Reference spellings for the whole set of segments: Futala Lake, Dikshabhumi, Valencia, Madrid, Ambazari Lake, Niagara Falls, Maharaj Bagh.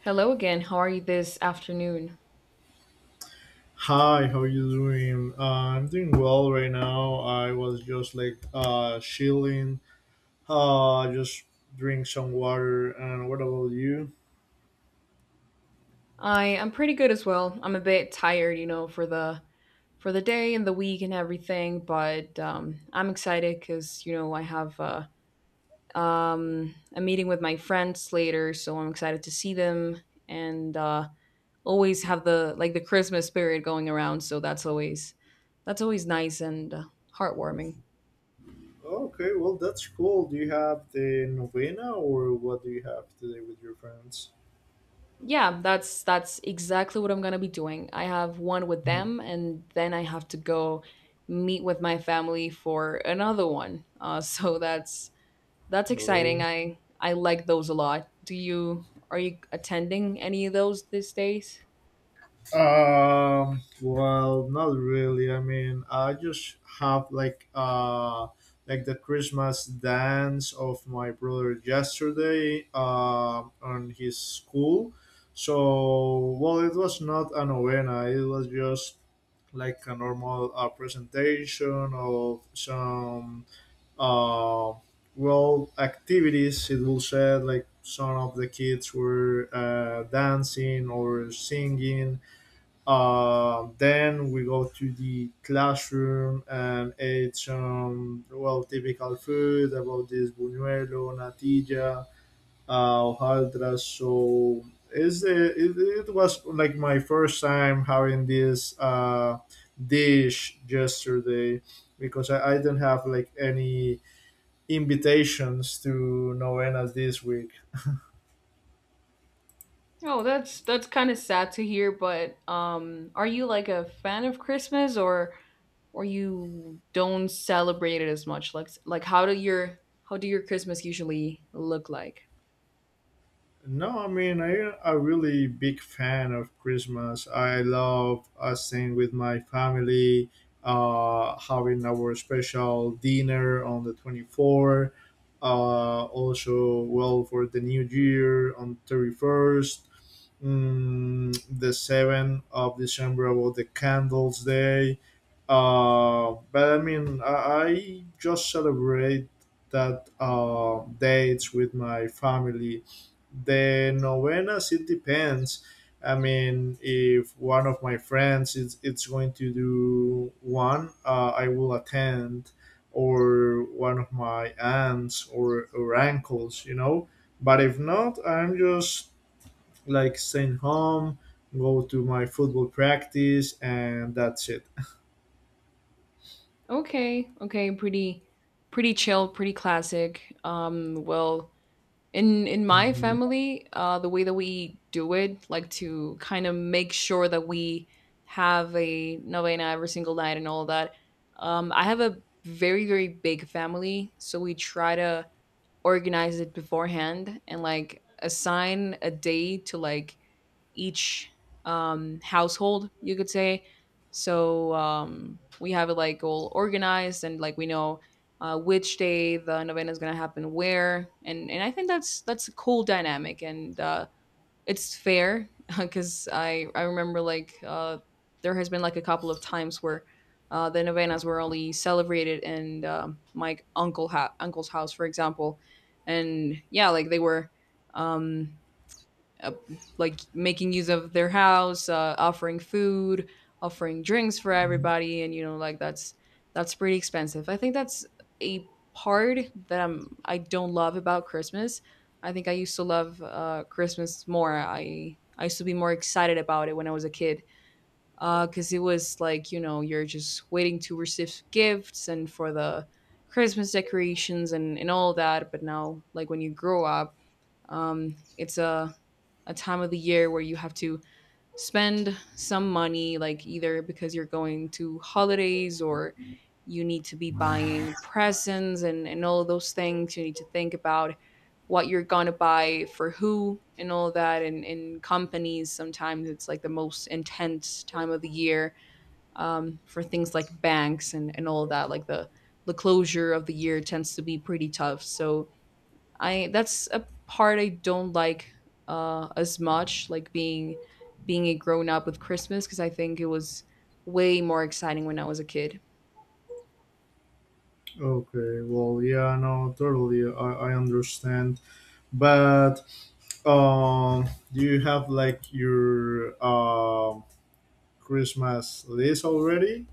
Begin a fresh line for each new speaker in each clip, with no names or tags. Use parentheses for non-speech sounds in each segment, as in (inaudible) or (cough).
Hello again. How are you this afternoon?
Hi, how you doing? I'm doing well right now. I was just like chilling, just drink some water. And what about you?
I am pretty good as well. I'm a bit tired, for the day and the week and everything, but I'm excited because I have a meeting with my friends later, so I'm excited to see them and always have the Christmas spirit going around. So that's always nice and heartwarming.
Okay, well that's cool. Do you have the novena or what do you have today with your friends?
Yeah, that's exactly what I'm gonna be doing. I have one with them, and then I have to go meet with my family for another one. (laughs) So that's exciting.
Oh,
I like those a lot. Do you are you attending any of those these days?
Well, not really. I mean, I just have like the Christmas dance of my brother yesterday on his school. So, well, it was not a novena. It was just like a normal presentation of some uh, well activities it will say like some of the kids were dancing or singing, then we go to the classroom and eat some well typical food about this buñuelo, natilla, hojaldras. So it was like my first time having this dish yesterday because I didn't have like any invitations to Novenas this week.
Oh, that's kind of sad to hear, but are you like a fan of Christmas or you don't celebrate it as much? Like how do your Christmas usually look like?
No, I mean I a really big fan of Christmas. I love staying with my family, having our special dinner on the 24th. Also, well for the New Year on 31st, the December 7th about the Candles Day. But I mean I just celebrate that dates with my family. The novenas it depends. I mean if one of my friends is it's going to do one, I will attend, or one of my aunts or uncles, you know. But if not I'm just like staying home, go to my football practice, and that's it.
Okay. Okay, pretty chill, pretty classic. Well, in my
Mhm,
family the way that we do it, like, to kind of make sure that we have a novena every single night and all that. Um, I have a very very big family, so we try to organize it beforehand and like assign a day to like each household, you could say. So we have it like all organized and like we know which day the novena is going to happen where, and I think that's a cool dynamic and it's fair (laughs) because I remember like there has been like a couple of times where. The novenas were only celebrated in my uncle's house, for example, and yeah, like they were um, uh, like making use of their house, offering food, offering drinks for
mhm.
everybody, and like that's pretty expensive. I think that's a part that I don't love about Christmas. I think I used to love Christmas more. I used to be more excited about it when I was a kid, because it was like you're just waiting to receive gifts and for the Christmas decorations and all that. But now, like when you grow up, it's a time of the year where you have to spend some money, like either because you're going to holidays or you need to be buying presents and all of those things. You need to think about what you're gonna buy for who and all that. And in companies, sometimes it's like the most intense time of the year, for things like banks and all of that. Like the closure of the year tends to be pretty tough. So I that's a part I don't like as much, like being a grown up with Christmas, because I think it was way more exciting when I was a kid.
Okay, well yeah, no, totally, I understand, but Um, do you have like your Christmas list already?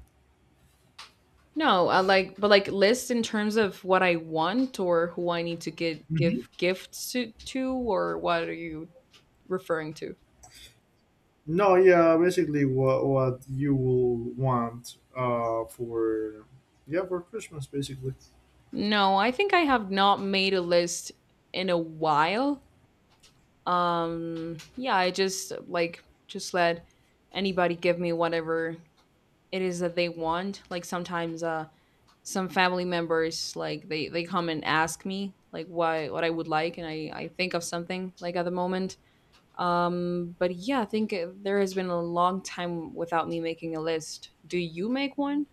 No, but like, lists in terms of what I want or who I need to get give
Mhm.
gifts to or what are you referring to?
No, yeah, basically what you will want for yeah for Christmas basically.
No, I think I have not made a list in a while. Yeah, I just like just let anybody give me whatever it is that they want. Like sometimes some family members, like, they come and ask me like why what I would like, and I think of something like at the moment. But yeah, I think there has been a long time without me making a list. Do you make one?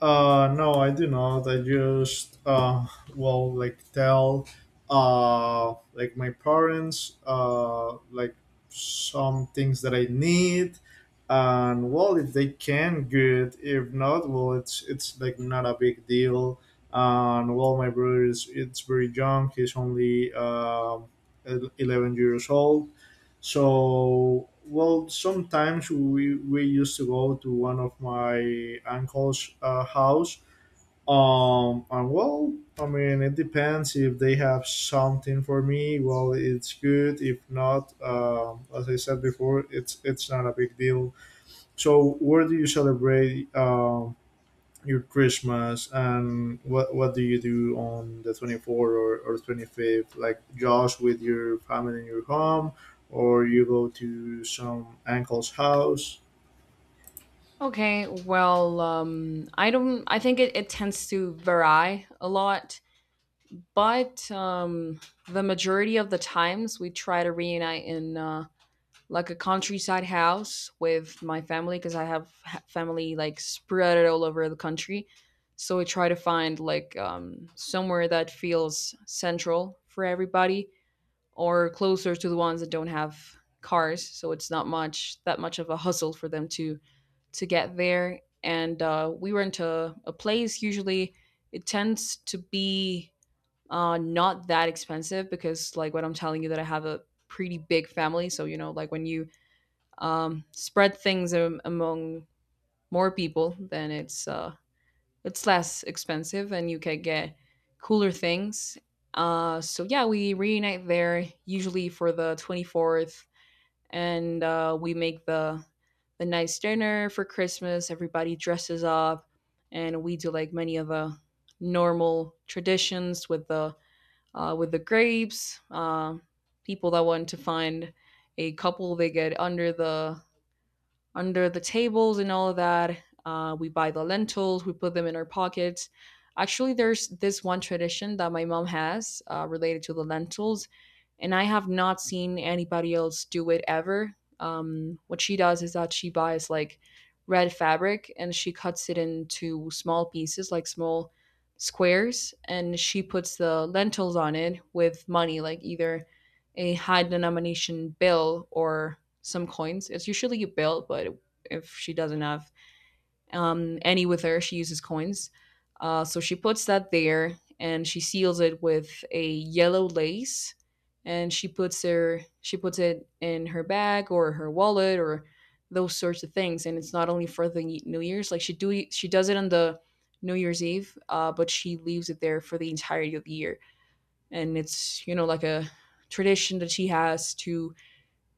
No, I do not. I just well, like tell, like my parents, like some things that I need, and well, if they can, good. If not, well, it's like not a big deal. And well, my brother is it's very young. He's only 11 years old. So, well, sometimes we used to go to one of my uncle's house. And well, I mean, it depends if they have something for me. Well, it's good. If not, as I said before, it's not a big deal. So, where do you celebrate? Your Christmas, and what do you do on the 24th or 25th? Like just with your family in your home, or you go to some uncle's house?
Okay, well, I don't I think it tends to vary a lot, but the majority of the times we try to reunite in like a countryside house with my family, because I have family like spread all over the country. So I try to find like somewhere that feels central for everybody, or closer to the ones that don't have cars, so it's not much that much of a hustle for them to get there. And we rent a place. Usually, it tends to be not that expensive because, like, what I'm telling you, that I have a pretty big family. So, like when you spread things among more people, then it's less expensive and you can get cooler things. So yeah, we reunite there usually for the 24th, and we make the nice dinner for Christmas. Everybody dresses up, and we do like many of the normal traditions with the grapes. People that want to find a couple, they get under the tables and all of that. We buy the lentils, we put them in our pockets. Actually, there's this one tradition that my mom has related to the lentils, and I have not seen anybody else do it ever. What she does is that she buys like red fabric and she cuts it into small pieces, like small squares, and she puts the lentils on it with money, like either a high denomination bill or some coins. It's usually a bill, but if she doesn't have any with her, she uses coins. So she puts that there and she seals it with a yellow lace, and she puts it in her bag or her wallet or those sorts of things. And it's not only for the new year's, like she does it on the new year's eve, but she leaves it there for the entirety of the year. And it's, like, a tradition that she has to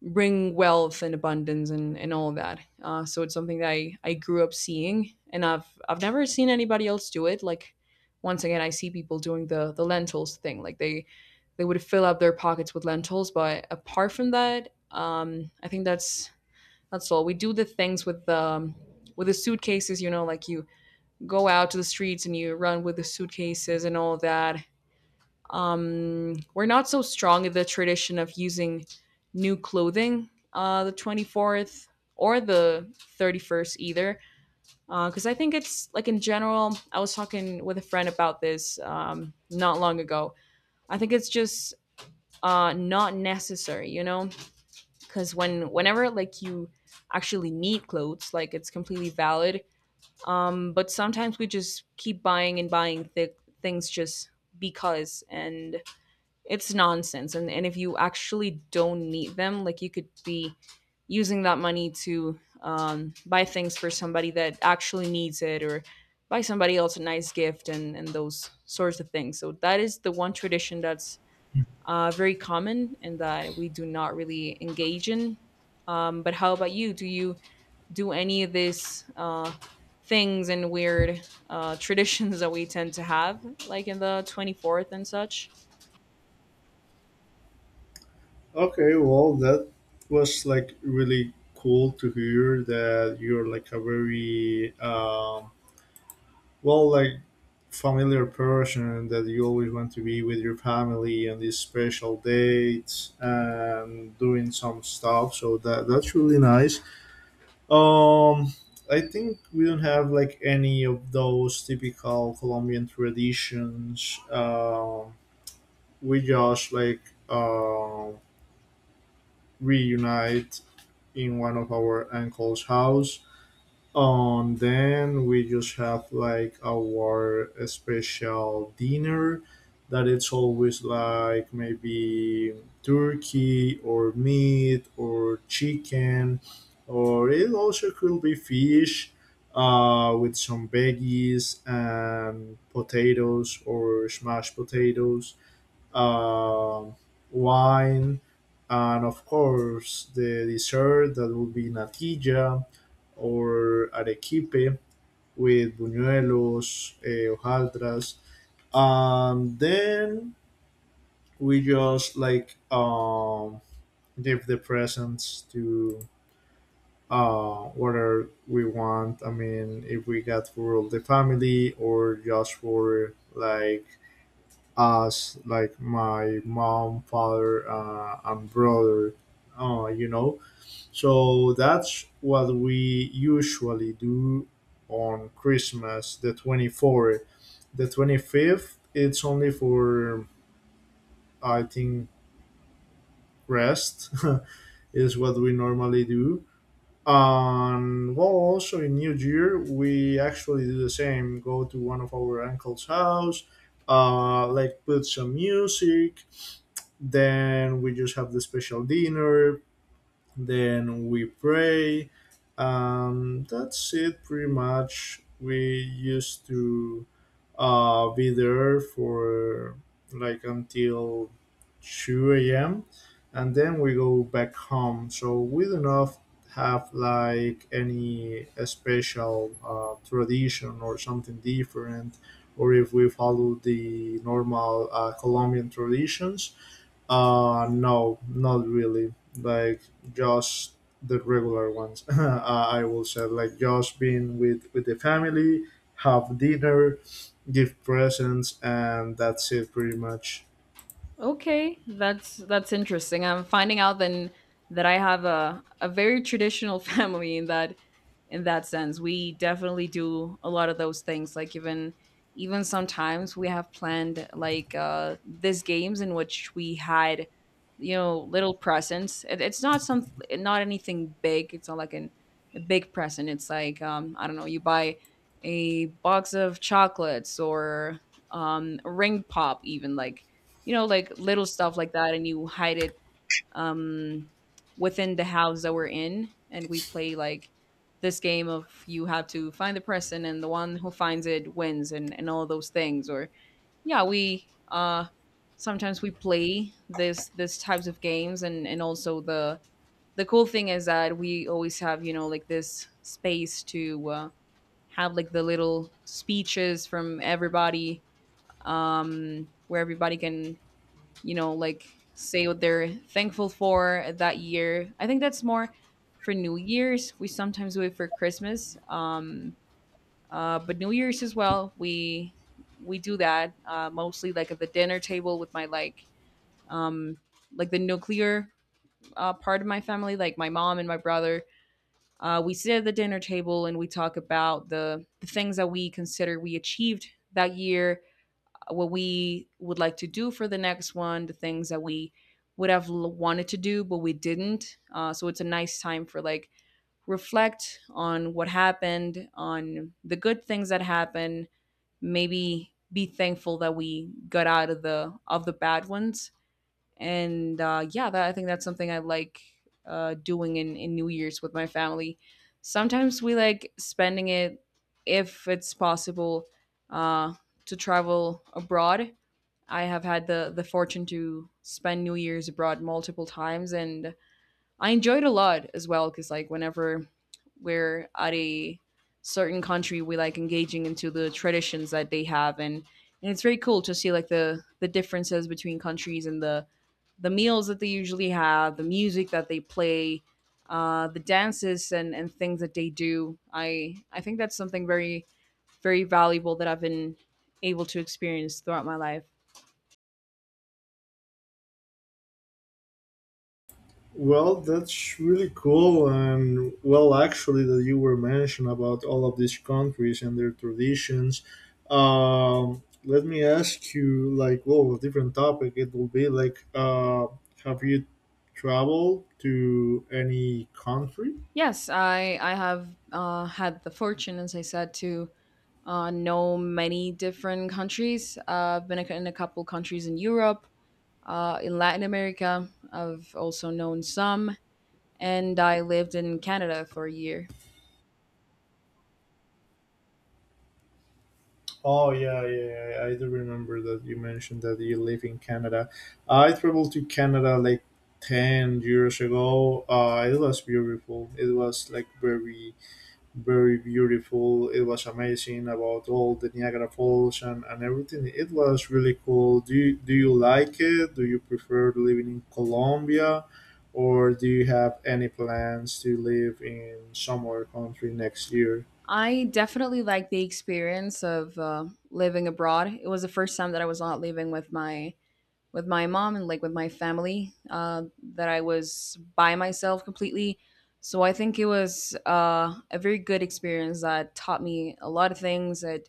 bring wealth and abundance and all of that. So it's something that I grew up seeing, and I've never seen anybody else do it. Like, once again, I see people doing the lentils thing. Like they would fill up their pockets with lentils, but apart from that, I think that's all. We do the things with the suitcases, like you go out to the streets and you run with the suitcases and all of that. We're not so strong in the tradition of using new clothing, the 24th or the 31st either, because I think it's like, in general, I was talking with a friend about this not long ago. I think it's just not necessary, because whenever like you actually need clothes, like it's completely valid, but sometimes we just keep buying and buying things just because, and it's nonsense, and if you actually don't need them, like you could be using that money to buy things for somebody that actually needs it, or buy somebody else a nice gift, and those sorts of things. So that is the one tradition that's very common and that we do not really engage in. But how about you, do you do any of these things and weird (laughs) traditions that we tend to have, like, in the 24th and such?
Okay, well that was like really cool to hear that you're like a very well like familiar person, that you always want to be with your family on these special dates and doing some stuff, so that that's really nice. Um, I think we don't have like any of those typical Colombian traditions. We just like uh, reunite in one of our uncle's house, and then we just have like our special dinner that it's always like maybe turkey or meat or chicken, or it also could be fish, with some veggies and potatoes or smashed potatoes, um, wine, and of course the dessert that would be natilla or arequipe with buñuelos, hojaldras, and then we just like give the presents to, whether we want. I mean, if we got for all the family, or just for like as like my mom, father, and brother. You know, so that's what we usually do on Christmas, the 24th. The 25th, it's only for, I think, rest, (laughs) is what we normally do. And well, also in New Year, we actually do the same, go to one of our uncle's house, like put some music. Then we just have the special dinner. Then we pray. That's it, pretty much. We used to be there for like until 2 a.m. and then we go back home. So we do not have like any special tradition or something different, or if we follow the normal Colombian traditions. No, not really. Like just the regular ones. (laughs) I will say, like just being with the family, have dinner, give presents, and that's it, pretty much.
Okay, that's interesting. I'm finding out then that I have a very traditional (laughs) family, in that sense. We definitely do a lot of those things. Like, even sometimes we have planned like these games in which we had, little presents. It's not anything big. It's not like an a big present. It's like, I don't know, you buy a box of chocolates or a ring pop, even, like, like little stuff like that, and you hide it um, within the house that we're in, and we play like this game of you have to find the person, and the one who finds it wins, and all those things. Or yeah, we sometimes we play this types of games, and also the cool thing is that we always have, like, this space to have like the little speeches from everybody, where everybody can, like, say what they're thankful for that year. I think that's more for New Year's. We sometimes do it for Christmas, but New Year's as well. We do that mostly like at the dinner table with my um, like the nuclear part of my family, like my mom and my brother. We sit at the dinner table and we talk about the things that we consider we achieved that year, what we would like to do for the next one, the things that we would have wanted to do but we didn't. So it's a nice time for like reflect on what happened, on the good things that happened, maybe be thankful that we got out of the bad ones. I think that's something I like doing in New Year's with my family. Sometimes we like spending it if it's possible uh, to travel abroad. I have had the fortune to spend New Year's abroad multiple times, and I enjoyed a lot as well. Because like whenever we're at a certain country, we like engaging into the traditions that they have, and it's very cool to see like the differences between countries and the meals that they usually have, the music that they play, the dances and things that they do. I think that's something very very valuable that I've been able to experience throughout my life.
Well, that's really cool, and well, actually, that you were mentioned about all of these countries and their traditions. Let me ask you, like, well, a different topic. It will be like, have you traveled to any country?
Yes, I have had the fortune, as I said, to know many different countries. I've been in a couple countries in Europe, in Latin America. I've also known some, and I lived in Canada for a year.
Oh yeah, yeah, yeah, I do remember that you mentioned that you live in Canada. I traveled to Canada like 10 years ago. It was beautiful. It was like very very beautiful. It was amazing about all the Niagara Falls and everything. It was really cool. Do you like it? Do you prefer living in Colombia? Or do you have any plans to live in some other country next year?
I definitely like the experience of living abroad. It was the first time that I was not living with my mom and like with my family that I was by myself completely. So I think it was a very good experience that taught me a lot of things that,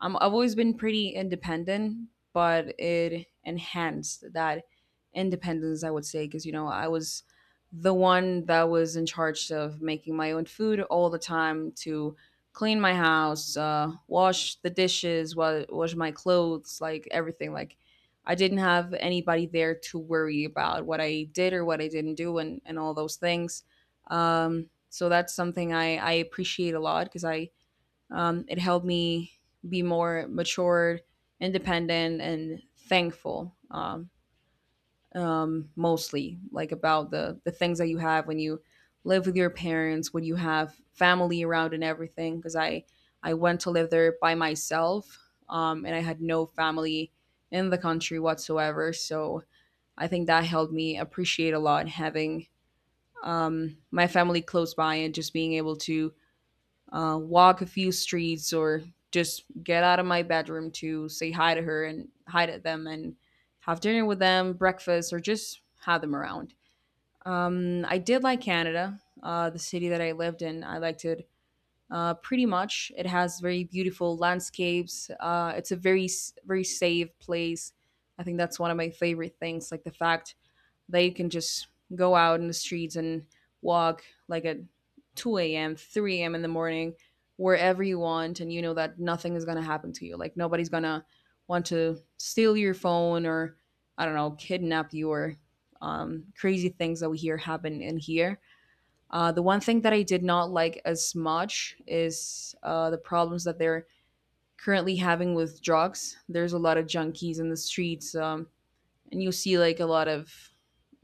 I've always been pretty independent, but it enhanced that independence, I would say, because you know I was the one that was in charge of making my own food all the time to clean my house, wash the dishes, wash my clothes, like everything. Like I didn't have anybody there to worry about what I did or what I didn't do and all those things. So that's something I appreciate a lot because I, it helped me be more matured, independent, and thankful. Mostly like about the things that you have when you live with your parents, when you have family around and everything, because I went to live there by myself, and I had no family in the country whatsoever. So I think that helped me appreciate a lot having, my family close by and just being able to walk a few streets or just get out of my bedroom to say hi to her and hi to them and have dinner with them, breakfast, or just have them around. I did like Canada, the city that I lived in. I liked it pretty much. It has very beautiful landscapes. It's a very, very safe place. I think that's one of my favorite things, like the fact they can just go out in the streets and walk like at 2 a.m., 3 a.m. in the morning, wherever you want, and you know that nothing is going to happen to you. Like nobody's going to want to steal your phone or, I don't know, kidnap you or crazy things that we hear happen in here. The one thing that I did not like as much is the problems that they're currently having with drugs. There's a lot of junkies in the streets. And you see like a lot of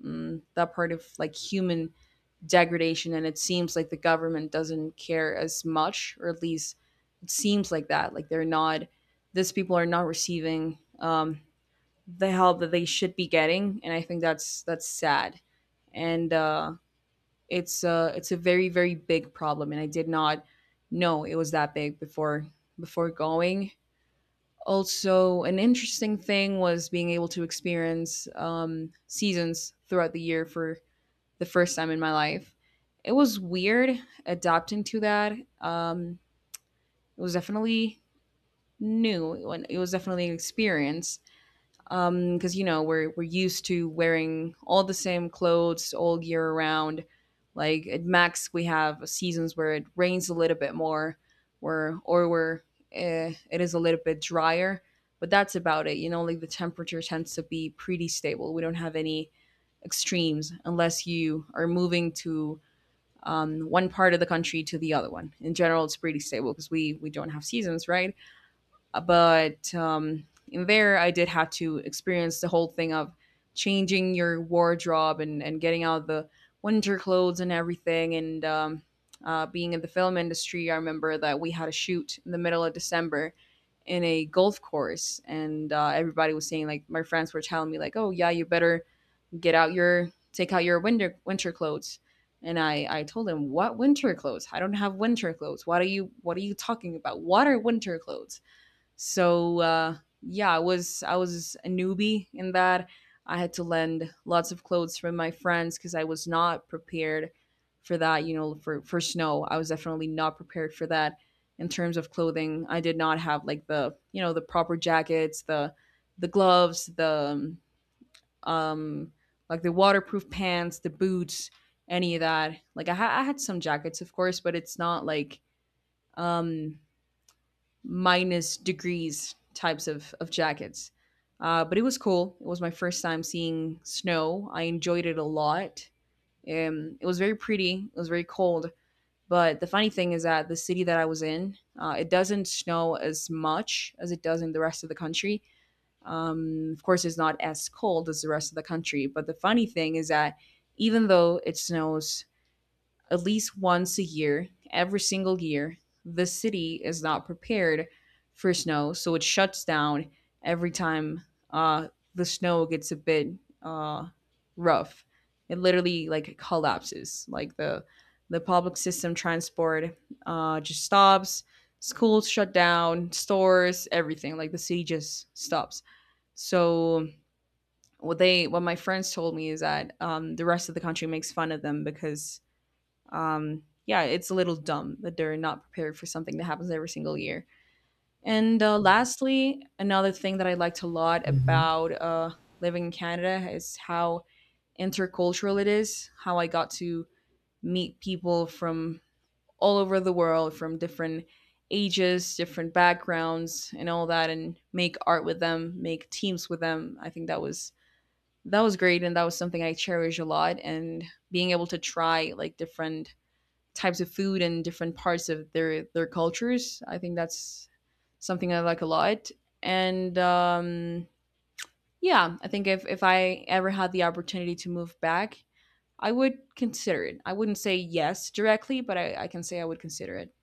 that part of like human degradation, and it seems like the government doesn't care as much, or at least it seems like that, like they're not, these people are not receiving, the help that they should be getting, and I think that's sad. And It's, it's a very very big problem, and I did not know it was that big before, before going. Also, an interesting thing was being able to experience, seasons throughout the year for the first time in my life. It was weird adapting to that. Um, it was definitely new. It was definitely an experience, because you know we're used to wearing all the same clothes all year around. Like at max we have seasons where it rains a little bit more, where it is a little bit drier, but that's about it. You know, like the temperature tends to be pretty stable. We don't have any extremes unless you are moving to, one part of the country to the other one. In general, it's pretty stable because we don't have seasons, right? But in there I did have to experience the whole thing of changing your wardrobe and getting out the winter clothes and everything, and being in the film industry, I remember that we had a shoot in the middle of December in a golf course, and everybody was saying, like my friends were telling me, like, oh yeah, you better get out your take out your winter clothes. And I told them, what winter clothes? I don't have winter clothes. What are you, talking about? What are winter clothes? So yeah, I was a newbie in that. I had to lend lots of clothes from my friends because I was not prepared for that, you know, for snow. I was definitely not prepared for that in terms of clothing. I did not have like the, you know, the proper jackets, the gloves, the, um like the waterproof pants, the boots, any of that. Like I had some jackets, of course, but it's not like, um minus degrees types of jackets. But it was cool. It was my first time seeing snow. I enjoyed it a lot. It was very pretty. It was very cold. But the funny thing is that the city that I was in, it doesn't snow as much as it does in the rest of the country. Of course, it's not as cold as the rest of the country. But the funny thing is that even though it snows at least once a year, every single year, the city is not prepared for snow, so it shuts down every time uh, the snow gets a bit uh, rough. It literally like collapses. Like the public system transport just stops. Schools shut down, stores, everything. Like the city just stops. So what my friends told me is that, the rest of the country makes fun of them because, yeah, it's a little dumb that they're not prepared for something that happens every single year. And Lastly, another thing that I liked a lot
Mhm.
about living in Canada is how intercultural it is, how I got to meet people from all over the world, from different ages, different backgrounds, and all that, and make art with them, make teams with them. I think that was, great, and that was something I cherish a lot, and being able to try like different types of food and different parts of their cultures. I think that's something I like a lot. And Yeah, I think if I ever had the opportunity to move back, I would consider it. I wouldn't say yes directly, but I can say I would consider it.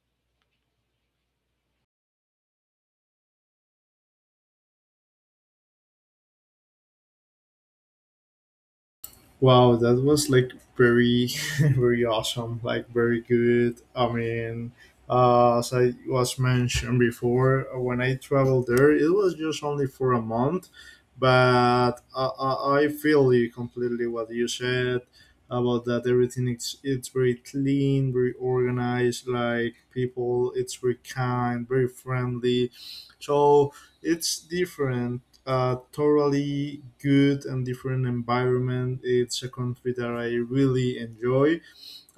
Wow, that was like very, (laughs) very awesome. Like very good. I mean, as I was mentioned before, when I traveled there, it was just only for a month, but I feel you completely what you said about that. Everything it's very clean, very organized. Like people, it's very kind, very friendly. So it's different, a totally good and different environment. It's a country that I really enjoy.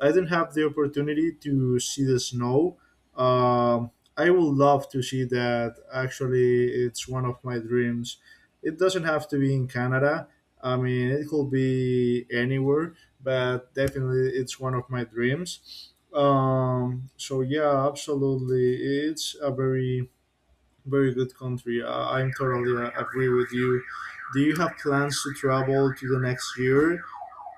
I didn't have the opportunity to see the snow. Um, I would love to see that. Actually, it's one of my dreams. It doesn't have to be in Canada. I mean, it could be anywhere, but definitely it's one of my dreams. So yeah, absolutely, it's a very very good country. I'm totally agree with you. Do you have plans to travel to the next year?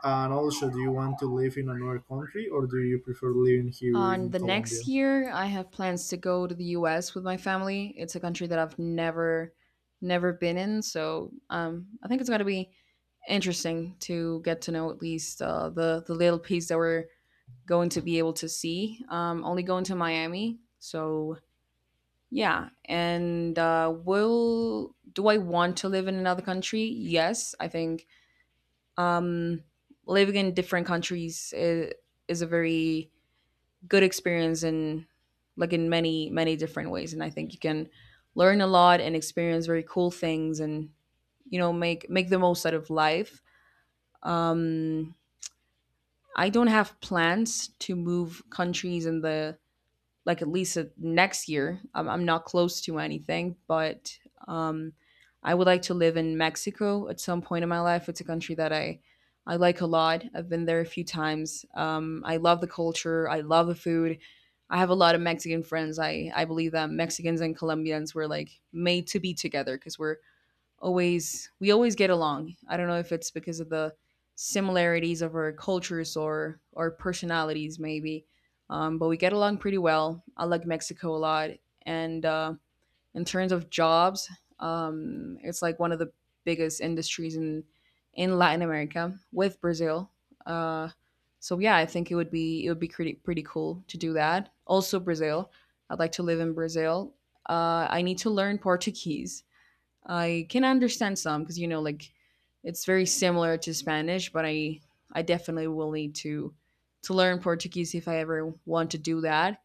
And also, do you want to live in another country or do you prefer living here
On
in
the next
Colombia?
year, I have plans to go to the U.S. with my family. It's a country that I've never been in, so I think it's going to be interesting to get to know at least the little piece that we're going to be able to see. Only going to Miami. So yeah, and will do I want to live in another country? Yes, I think, um, living in different countries is a very good experience in, like in many many different ways, and I think you can learn a lot and experience very cool things, and you know make the most out of life. Um, I don't have plans to move countries in the, like at least next year. I'm not close to anything, but, um, I would like to live in Mexico at some point in my life. It's a country that I like a lot. I've been there a few times. I love the culture. I love the food. I have a lot of Mexican friends. I believe that Mexicans and Colombians were like made to be together because we always get along. I don't know if it's because of the similarities of our cultures or personalities maybe, but we get along pretty well. I like Mexico a lot, and in terms of jobs, it's like one of the biggest industries in Latin America with Brazil. Uh, so yeah, I think it would be, pretty pretty cool to do that. Also Brazil, I'd like to live in Brazil. I need to learn Portuguese. I can understand some because you know, like it's very similar to Spanish, but I definitely will need to learn Portuguese if I ever want to do that.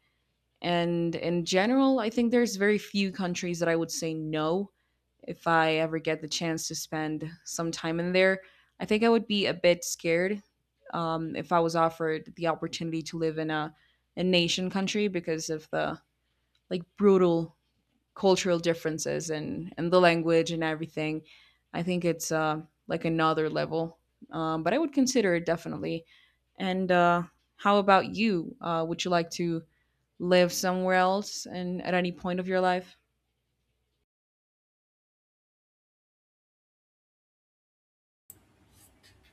And in general, I think there's very few countries that I would say no if I ever get the chance to spend some time in there. I think I would be a bit scared, if I was offered the opportunity to live in a nation country because of the, like, brutal cultural differences and the language and everything. I think it's, like another level, but I would consider it definitely. And How about you? Would you like to live somewhere else and at any point of your life?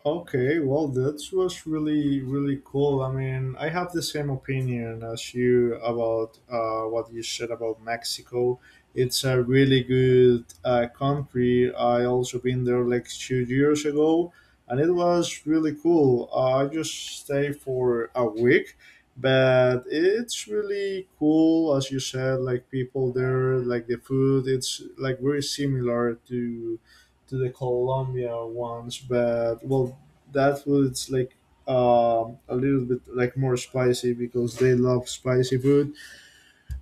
Okay, well, that was really, really cool. I mean, I have the same opinion as you about what you said about Mexico. It's a really good country. I also been there like 2 years ago, and it was really cool. I just stayed for a week, but it's really cool, as you said. Like people there, like the food, it's like very similar to the Colombia ones, but well, that food's like a little bit like more spicy because they love spicy food.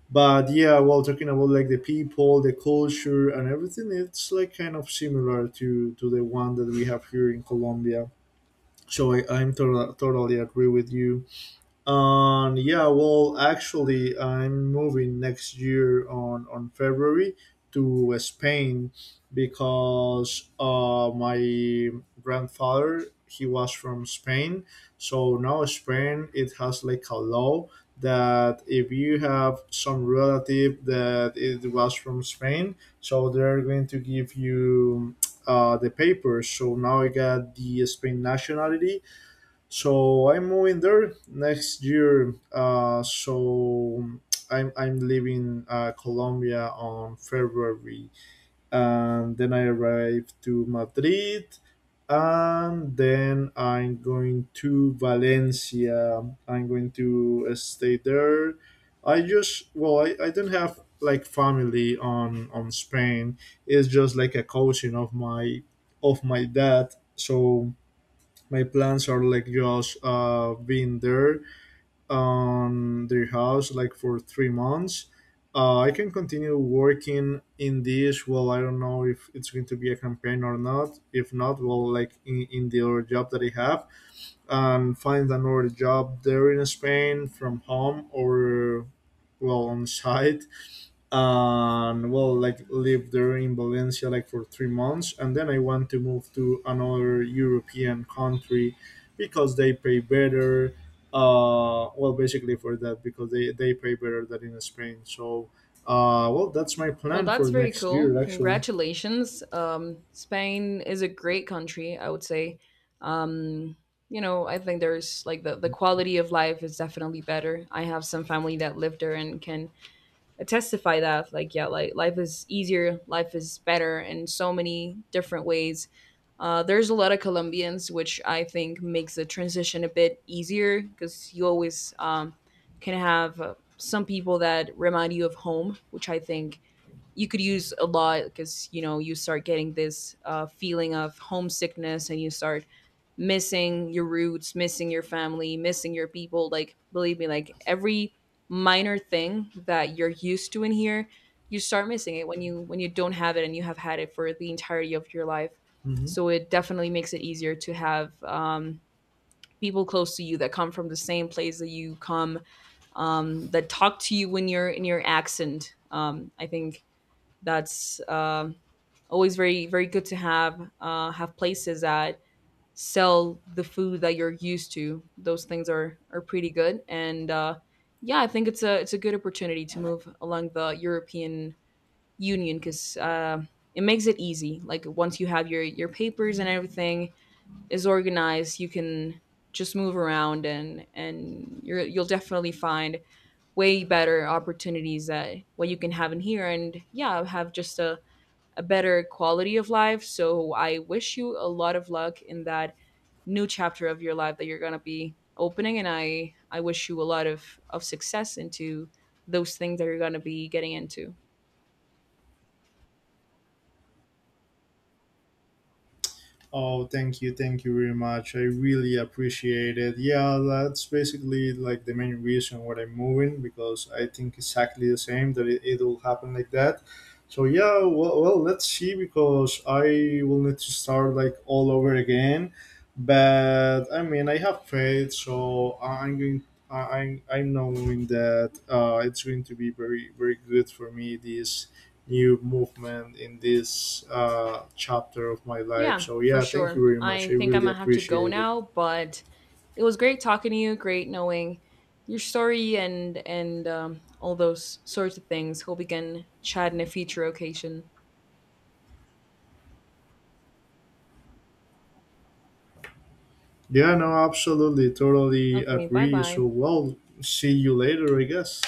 But yeah, while talking about like the people, the culture and everything, it's like kind of similar to the one that we have here in Colombia. So totally agree with you. Um, yeah, well, actually, I'm moving next year on February to Spain, because my grandfather he was from Spain, so now Spain it has like a law that if you have some relative that it was from Spain, so they're going to give you the papers. So now I got the Spain nationality, so I'm moving there next year. So I'm leaving Colombia on February, and then I arrive to Madrid, and then I'm going to Valencia. I'm going to stay there. I just well, I don't have like family on Spain. It's just like a cousin of my dad. So my plans are like just being there on their house like for 3 months. I can continue working in this. Well, I don't know if it's going to be a campaign or not. If not, well, like in the other job that I have, and find another job there in Spain from home, or well on site, and well like live there in Valencia like for 3 months, and then I want to move to another European country because they pay better. Uh, well, basically for that, because they pay better than in Spain. So well, that's my
Well,
plan
that's
for
very
next
cool.
year actually.
Congratulations. Spain is a great country, I would say. Um, you know, I think there's like the quality of life is definitely better. I have some family that live there and can testify that, like, yeah, like life is easier, life is better in so many different ways. There's a lot of Colombians, which I think makes the transition a bit easier, because you always, can have some people that remind you of home, which I think you could use a lot, because you know you start getting this feeling of homesickness, and you start missing your roots, missing your family, missing your people. Like, believe me, like every minor thing that you're used to in here, you start missing it when you, when you don't have it and you have had it for the entirety of your life.
Mhm.
So it definitely makes it easier to have, people close to you that come from the same place that you come, that talk to you when you're in your accent. I think that's, always very very good to have, have places that sell the food that you're used to. Those things are pretty good. And Yeah, I think it's a good opportunity to move along the European Union, because, it makes it easy. Like once you have your papers and everything is organized, you can just move around and you're, you'll definitely find way better opportunities that what you can have in here, and yeah, have just a better quality of life. So I wish you a lot of luck in that new chapter of your life that you're going to be opening, and I wish you a lot of success into those things that you're going to be getting into.
Oh, thank you very much. I really appreciate it. Yeah, that's basically like the main reason why I'm moving, because I think exactly the same, that it will happen like that. So yeah, well, well, let's see, because I will need to start like all over again. But I mean, I have faith, so I'm going. I'm knowing that it's going to be very very good for me this new movement in this chapter of my life.
Yeah,
So
for
yeah, thank you
sure.
very
I
much. I
think I'm
really
gonna have to go
appreciate it.
now, but it was great talking to you. Great knowing your story and all those sorts of things. Hope we can chat in a future occasion.
Yeah, no, absolutely, totally
Okay, bye
agree.
bye.
So well, see you later, I guess.